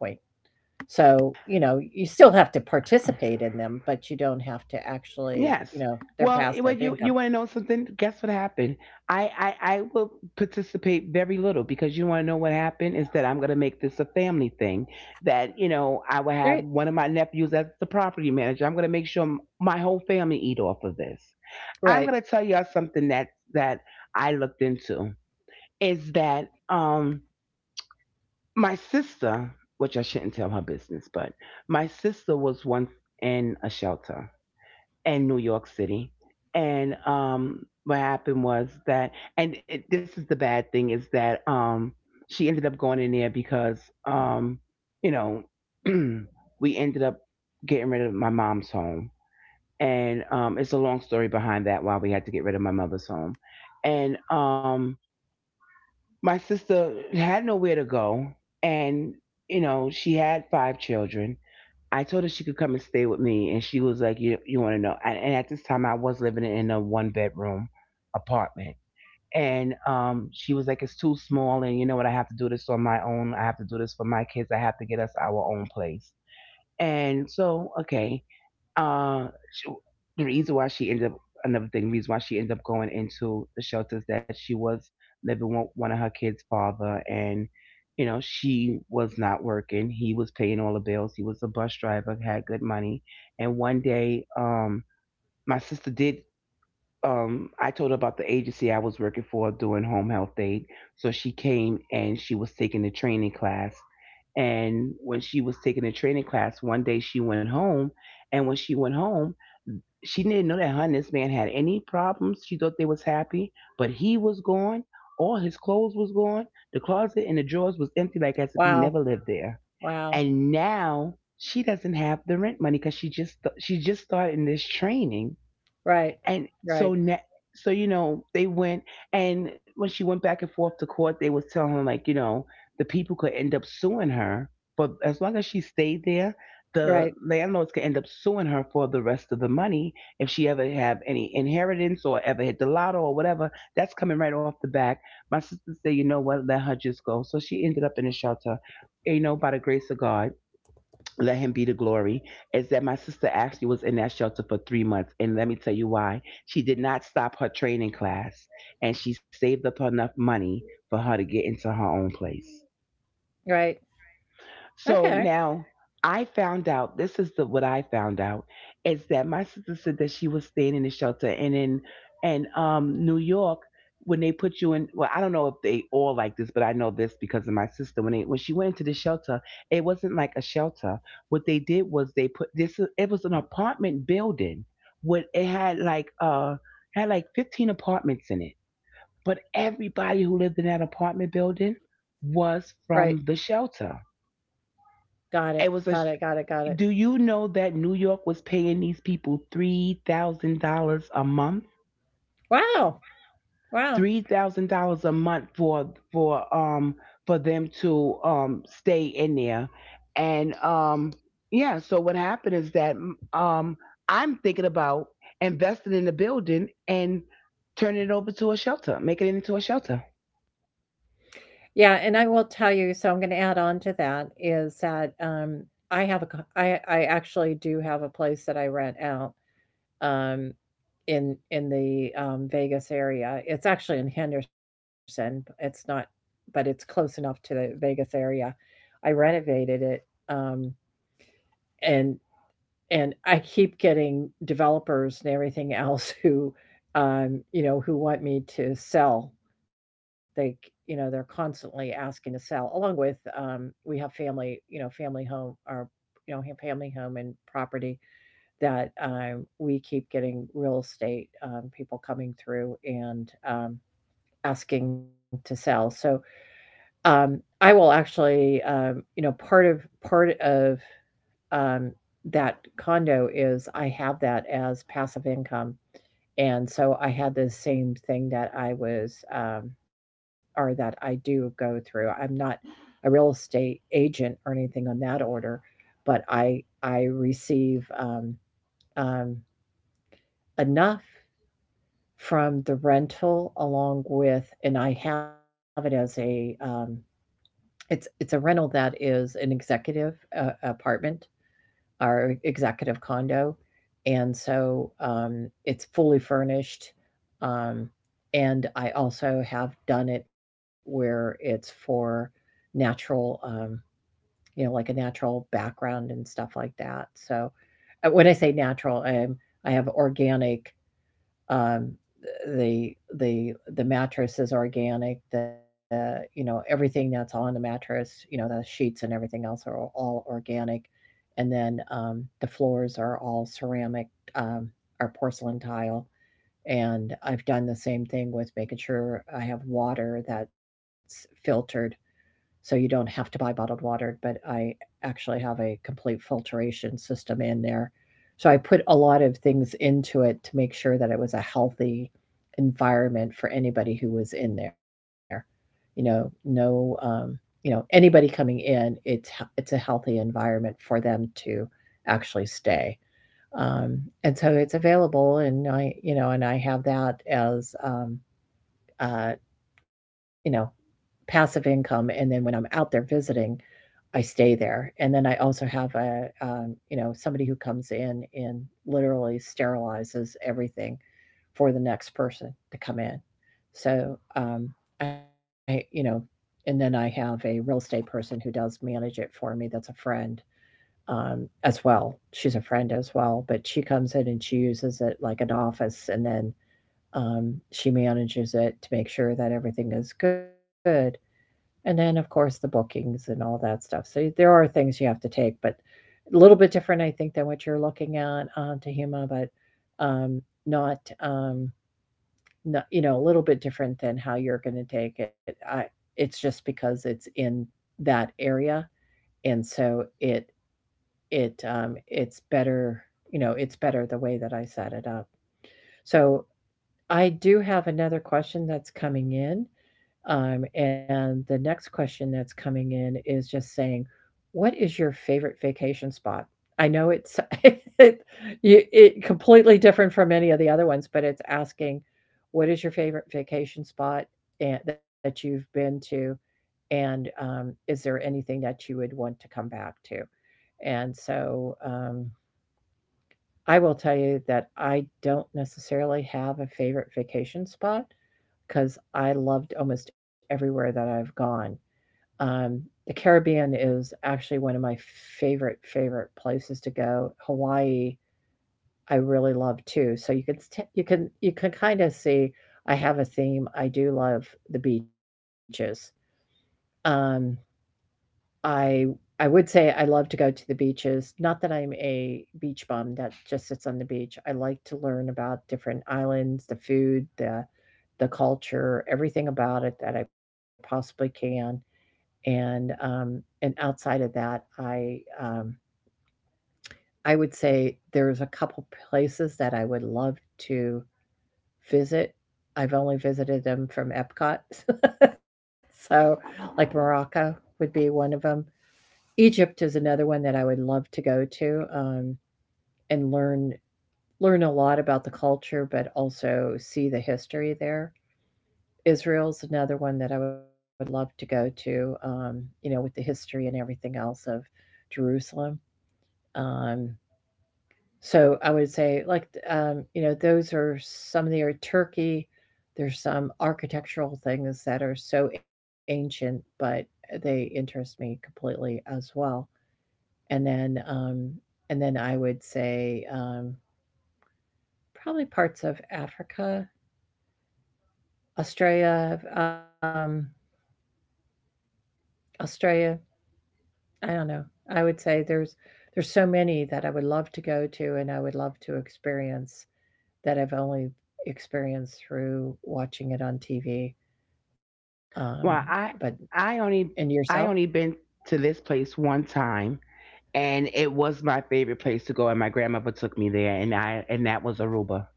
So you know you still have to participate in them, but you don't have to actually, you yes. know, they're Well, passive you income. you want to know something? Guess what happened? I, I will participate very little, because you want to know what happened, is that I'm gonna make this a family thing. That, you know, I will have Right. one of my nephews as the property manager. I'm gonna make sure my whole family eat off of this. I'm Right. gonna tell y'all something that that I looked into, is that my sister, which I shouldn't tell her business, but my sister was once in a shelter in New York City. And what happened was that, and it, this is the bad thing, is that she ended up going in there because, you know, we ended up getting rid of my mom's home. And it's a long story behind that, why we had to get rid of my mother's home. And my sister had nowhere to go. And you know, she had five children. I told her she could come and stay with me, and she was like, you, want to know, and at this time I was living in a one bedroom apartment. And she was like, it's too small, and you know what, I have to do this on my own, I have to do this for my kids, I have to get us our own place. And so, okay, uh, she, the reason why she ended up, another thing, reason why she ended up going into the shelters, that she was living with one of her kids' father. And you know, she was not working. He was paying all the bills. He was a bus driver, had good money. And one day, my sister did, I told her about the agency I was working for doing home health aid. So she came and she was taking the training class. And when she was taking the training class, one day she went home. And when she went home, she didn't know that her and this man had any problems. She thought they was happy, but he was gone. All his clothes was gone. The closet and the drawers was empty, like as if he Wow, never lived there. wow. And now she doesn't have the rent money, because she just started in this training. Right, And right, so, so you know, they went, and when she went back and forth to court, they was telling her, like, you know, the people could end up suing her, but as long as she stayed there, the right, landlords could end up suing her for the rest of the money. If she ever have any inheritance or ever hit the lotto or whatever, that's coming right off the back. My sister said, you know what, let her just go. So she ended up in a shelter. You know, by the grace of God, let him be the glory, is that my sister actually was in that shelter for 3 months. And let me tell you why. She did not stop her training class, and she saved up enough money for her to get into her own place. right. So Okay, now I found out, this is the what I found out, is that my sister said that she was staying in the shelter, and in and New York, when they put you in, well, I don't know if they all like this, but I know this because of my sister, when she went into the shelter, it wasn't like a shelter. What they did was they put this, it was an apartment building. What it had like 15 apartments in it, but everybody who lived in that apartment building right. was from the shelter. Got it, It was a, got it, got it, got it. do you know that New York was paying these people $3,000 a month? Wow, wow. $3,000 a month for, for them to stay in there. And yeah. So what happened is that, um I'm thinking about investing in the building and turning it over to a shelter, making it into a shelter. Yeah, and I will tell you, so I'm gonna add on to that is that I actually do have a place that I rent out um in the Vegas area. It's actually in Henderson. It's not, but it's close enough to the Vegas area. I renovated it um and I keep getting developers and everything else who, you know, who want me to sell. You know, they're constantly asking to sell. Along with, we have family, you know, family home our, you know, family home and property that we keep getting real estate people coming through and asking to sell. So um, I will actually, you know, part of um, that condo is I have that as passive income. And so I had the same thing that I was, or that I do go through. I'm not a real estate agent or anything on that order, but I receive um, enough from the rental along with, and I have it as a it's a rental that is an executive apartment, our executive condo. And so it's fully furnished. Um, and I also have done it where it's for natural, like a natural background and stuff like that. So when I say natural, I have organic, um, the mattress is organic. The, you know, everything that's on the mattress, you know, the sheets and everything else are all organic, and then the floors are all ceramic, um, or porcelain tile. And I've done the same thing with making sure I have water that's filtered so you don't have to buy bottled water. But I actually have a complete filtration system in there. So I put a lot of things into it to make sure that it was a healthy environment for anybody who was in there. You know, no, anybody coming in, it's a healthy environment for them to actually stay. Um, and so it's available, and I and I have that as, uh, you know, passive income, and then when I'm out there visiting, I stay there. And then I also have a, somebody who comes in and literally sterilizes everything for the next person to come in. So I, you know, and then I have a real estate person who does manage it for me. That's a friend as well. She's a friend as well, but she comes in and she uses it like an office, and then she manages it to make sure that everything is good. And then, of course, the bookings and all that stuff. So there are things you have to take, but a little bit different, I think, than what you're looking at on Tahima, but not, not, you know, a little bit different than how you're going to take it. I, it's just because it's in that area, and so it it's better, you know, it's better the way that I set it up. So I do have another question that's coming in. And the next question that's coming in is just saying, "What is your favorite vacation spot?" I know it's it, you, it completely different from any of the other ones, but it's asking, "What is your favorite vacation spot and, that you've been to?" And is there anything that you would want to come back to? And so I will tell you that I don't necessarily have a favorite vacation spot because I loved almost everywhere that I've gone. Um, the Caribbean is actually one of my favorite places to go. Hawaii, I really love too. So you can you can, you can kind of see I have a theme. I do love the beaches. Um, I I would say I love to go to the beaches. Not that I'm a beach bum that just sits on the beach. I like to learn about different islands, the food, the culture, everything about it that I possibly can. And um, and outside of that, I would say there's a couple places that I would love to visit. I've only visited them from Epcot, so like Morocco would be one of them. Egypt is another one that I would love to go to, and learn a lot about the culture, but also see the history there. Israel's another one that I would love to go to, with the history and everything else of Jerusalem. Um, so I would say, those are some of the, or Turkey. There's some architectural things that are so ancient, but they interest me completely as well. and then um, and then I would say, probably parts of Africa, Australia, Australia. I don't know. I would say there's so many that I would love to go to, and I would love to experience, that I've only experienced through watching it on TV. Um, Well, but I only And I yourself. only been to this place one time, and it was my favorite place to go, and my grandmother took me there, and I and that was Aruba.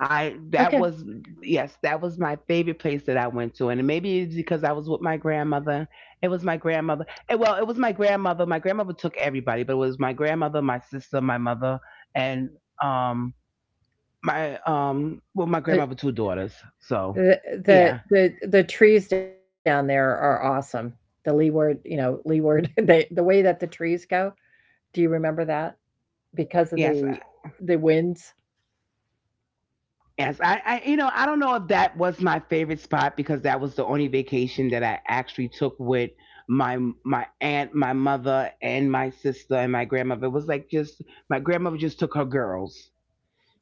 I that was Okay. Yes, that was my favorite place that I went to, and maybe it's because I was with my grandmother. It was my grandmother. Well, it was my grandmother. My grandmother took everybody, but it was my grandmother, my sister, my mother, and um my grandmother two daughters. So, The, yeah. the trees down there are awesome. The leeward, you know, leeward. They, the way that the trees go, do you remember that? Yes. Because of the winds? Yes, you know, I don't know if that was my favorite spot, because that was the only vacation that I actually took with my my aunt, my mother, and my sister and my grandmother. It was like, just my grandmother just took her girls.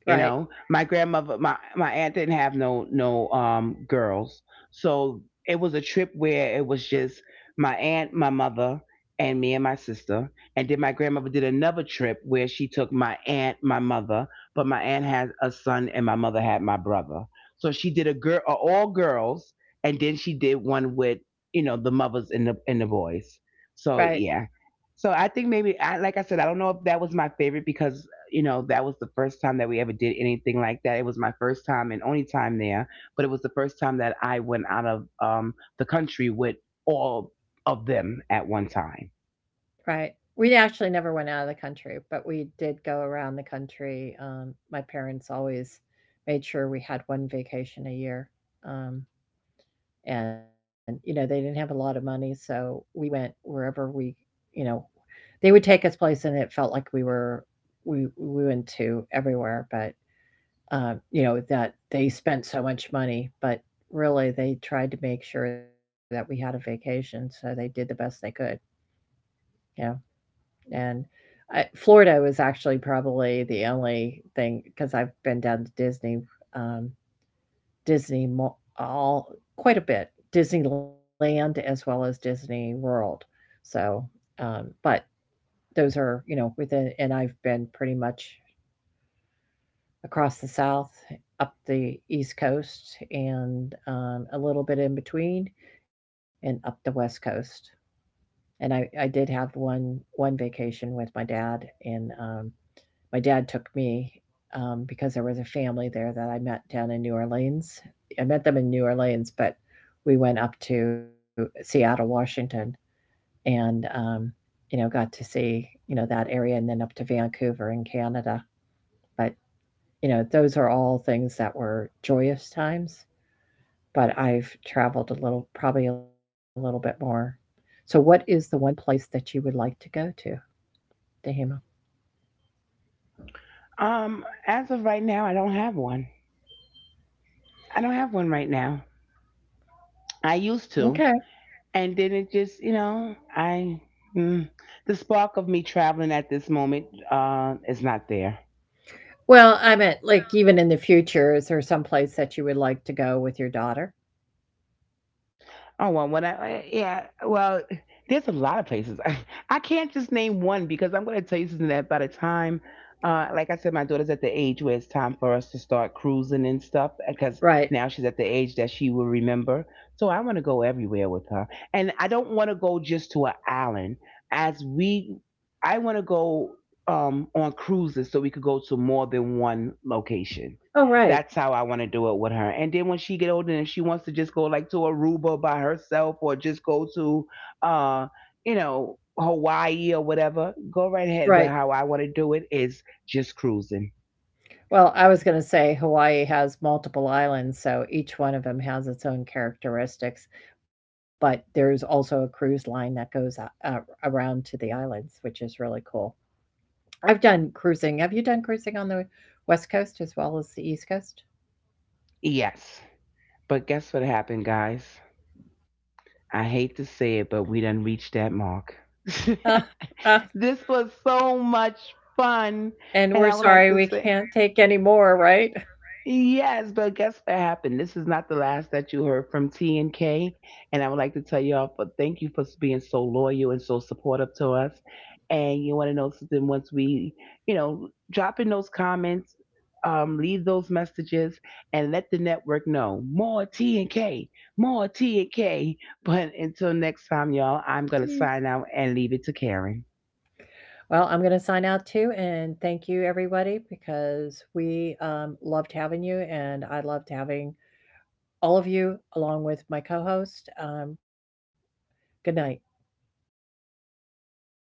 You know, Right, my grandmother, my aunt didn't have no girls, so it was a trip where it was just my aunt, my mother, and me and my sister. And then my grandmother did another trip where she took my aunt, my mother, but my aunt had a son and my mother had my brother. So she did a girl, all girls, and then she did one with, you know, the mothers and the boys. So yeah, right, so I think, maybe, I like I said, I don't know if that was my favorite, because you know, that was the first time that we ever did anything like that. It was my first time and only time there, but it was the first time that I went out of the country with all of them at one time. right. We actually never went out of the country, but we did go around the country. My parents always made sure we had one vacation a year, um, and, you know, they didn't have a lot of money, so we went wherever we, you know, they would take us place and it felt like we were, we went to everywhere, but you know, that they spent so much money, but really they tried to make sure that we had a vacation, so they did the best they could, you know. And I, Florida was actually probably the only thing because I've been down to Disney, um, Disney, all, quite a bit, Disneyland as well as Disney World. So, but those are, you know, within, and I've been pretty much across the South, up the East Coast, and a little bit in between, and up the West Coast. And I did have one vacation with my dad, and my dad took me because there was a family there that I met down in New Orleans. I met them in New Orleans, but we went up to Seattle, Washington, and you know, got to see, you know, that area, and then up to Vancouver in Canada. But you know, those are all things that were joyous times, but I've traveled a little, probably a little bit more. So, what is the one place that you would like to go to, Dahima? As of right now, I don't have one. I don't have one right now. I used Okay. to, and then it just, you know, mm, the spark of me traveling at this moment, is not there. Well, I meant like even in the future, is there some place that you would like to go with your daughter? Oh, well, yeah, well, there's a lot of places. I can't just name one, because I'm going to tell you something that, by the time, like I said, my daughter's at the age where it's time for us to start cruising and stuff, because now she's Right. at the age that she will remember. So I want to go everywhere with her, and I don't want to go just to an island. As we, I want to go on cruises, so we could go to more than one location. Oh, That's how right. I want to do it with her. And then when she get older and she wants to just go, like, to Aruba by herself, or just go to, uh, you know, Hawaii or whatever, go right ahead. But how Right. I want to do it is just cruising. Well, I was going to say Hawaii has multiple islands, so each one of them has its own characteristics. But there's also a cruise line that goes around to the islands, which is really cool. I've done cruising. Have you done cruising on the West Coast as well as the East Coast? Yes. But guess what happened, guys? I hate to say it, but we done reached that mark. Uh, uh. This was so much fun. And I would And like we're to sorry say, we can't take any more, right? Yes, but guess what happened? This is not the last that you heard from T&K, and I would like to tell y'all for thank you for being so loyal and so supportive to us. And you want to know something? Once we, you know, drop in those comments, leave those messages, and let the network know, more T&K, more T and K. But until next time, y'all, I'm Mm. gonna sign out and leave it to Karen. Well, I'm going to sign out too. And thank you, everybody, because we loved having you. And I loved having all of you along with my co host. Good night.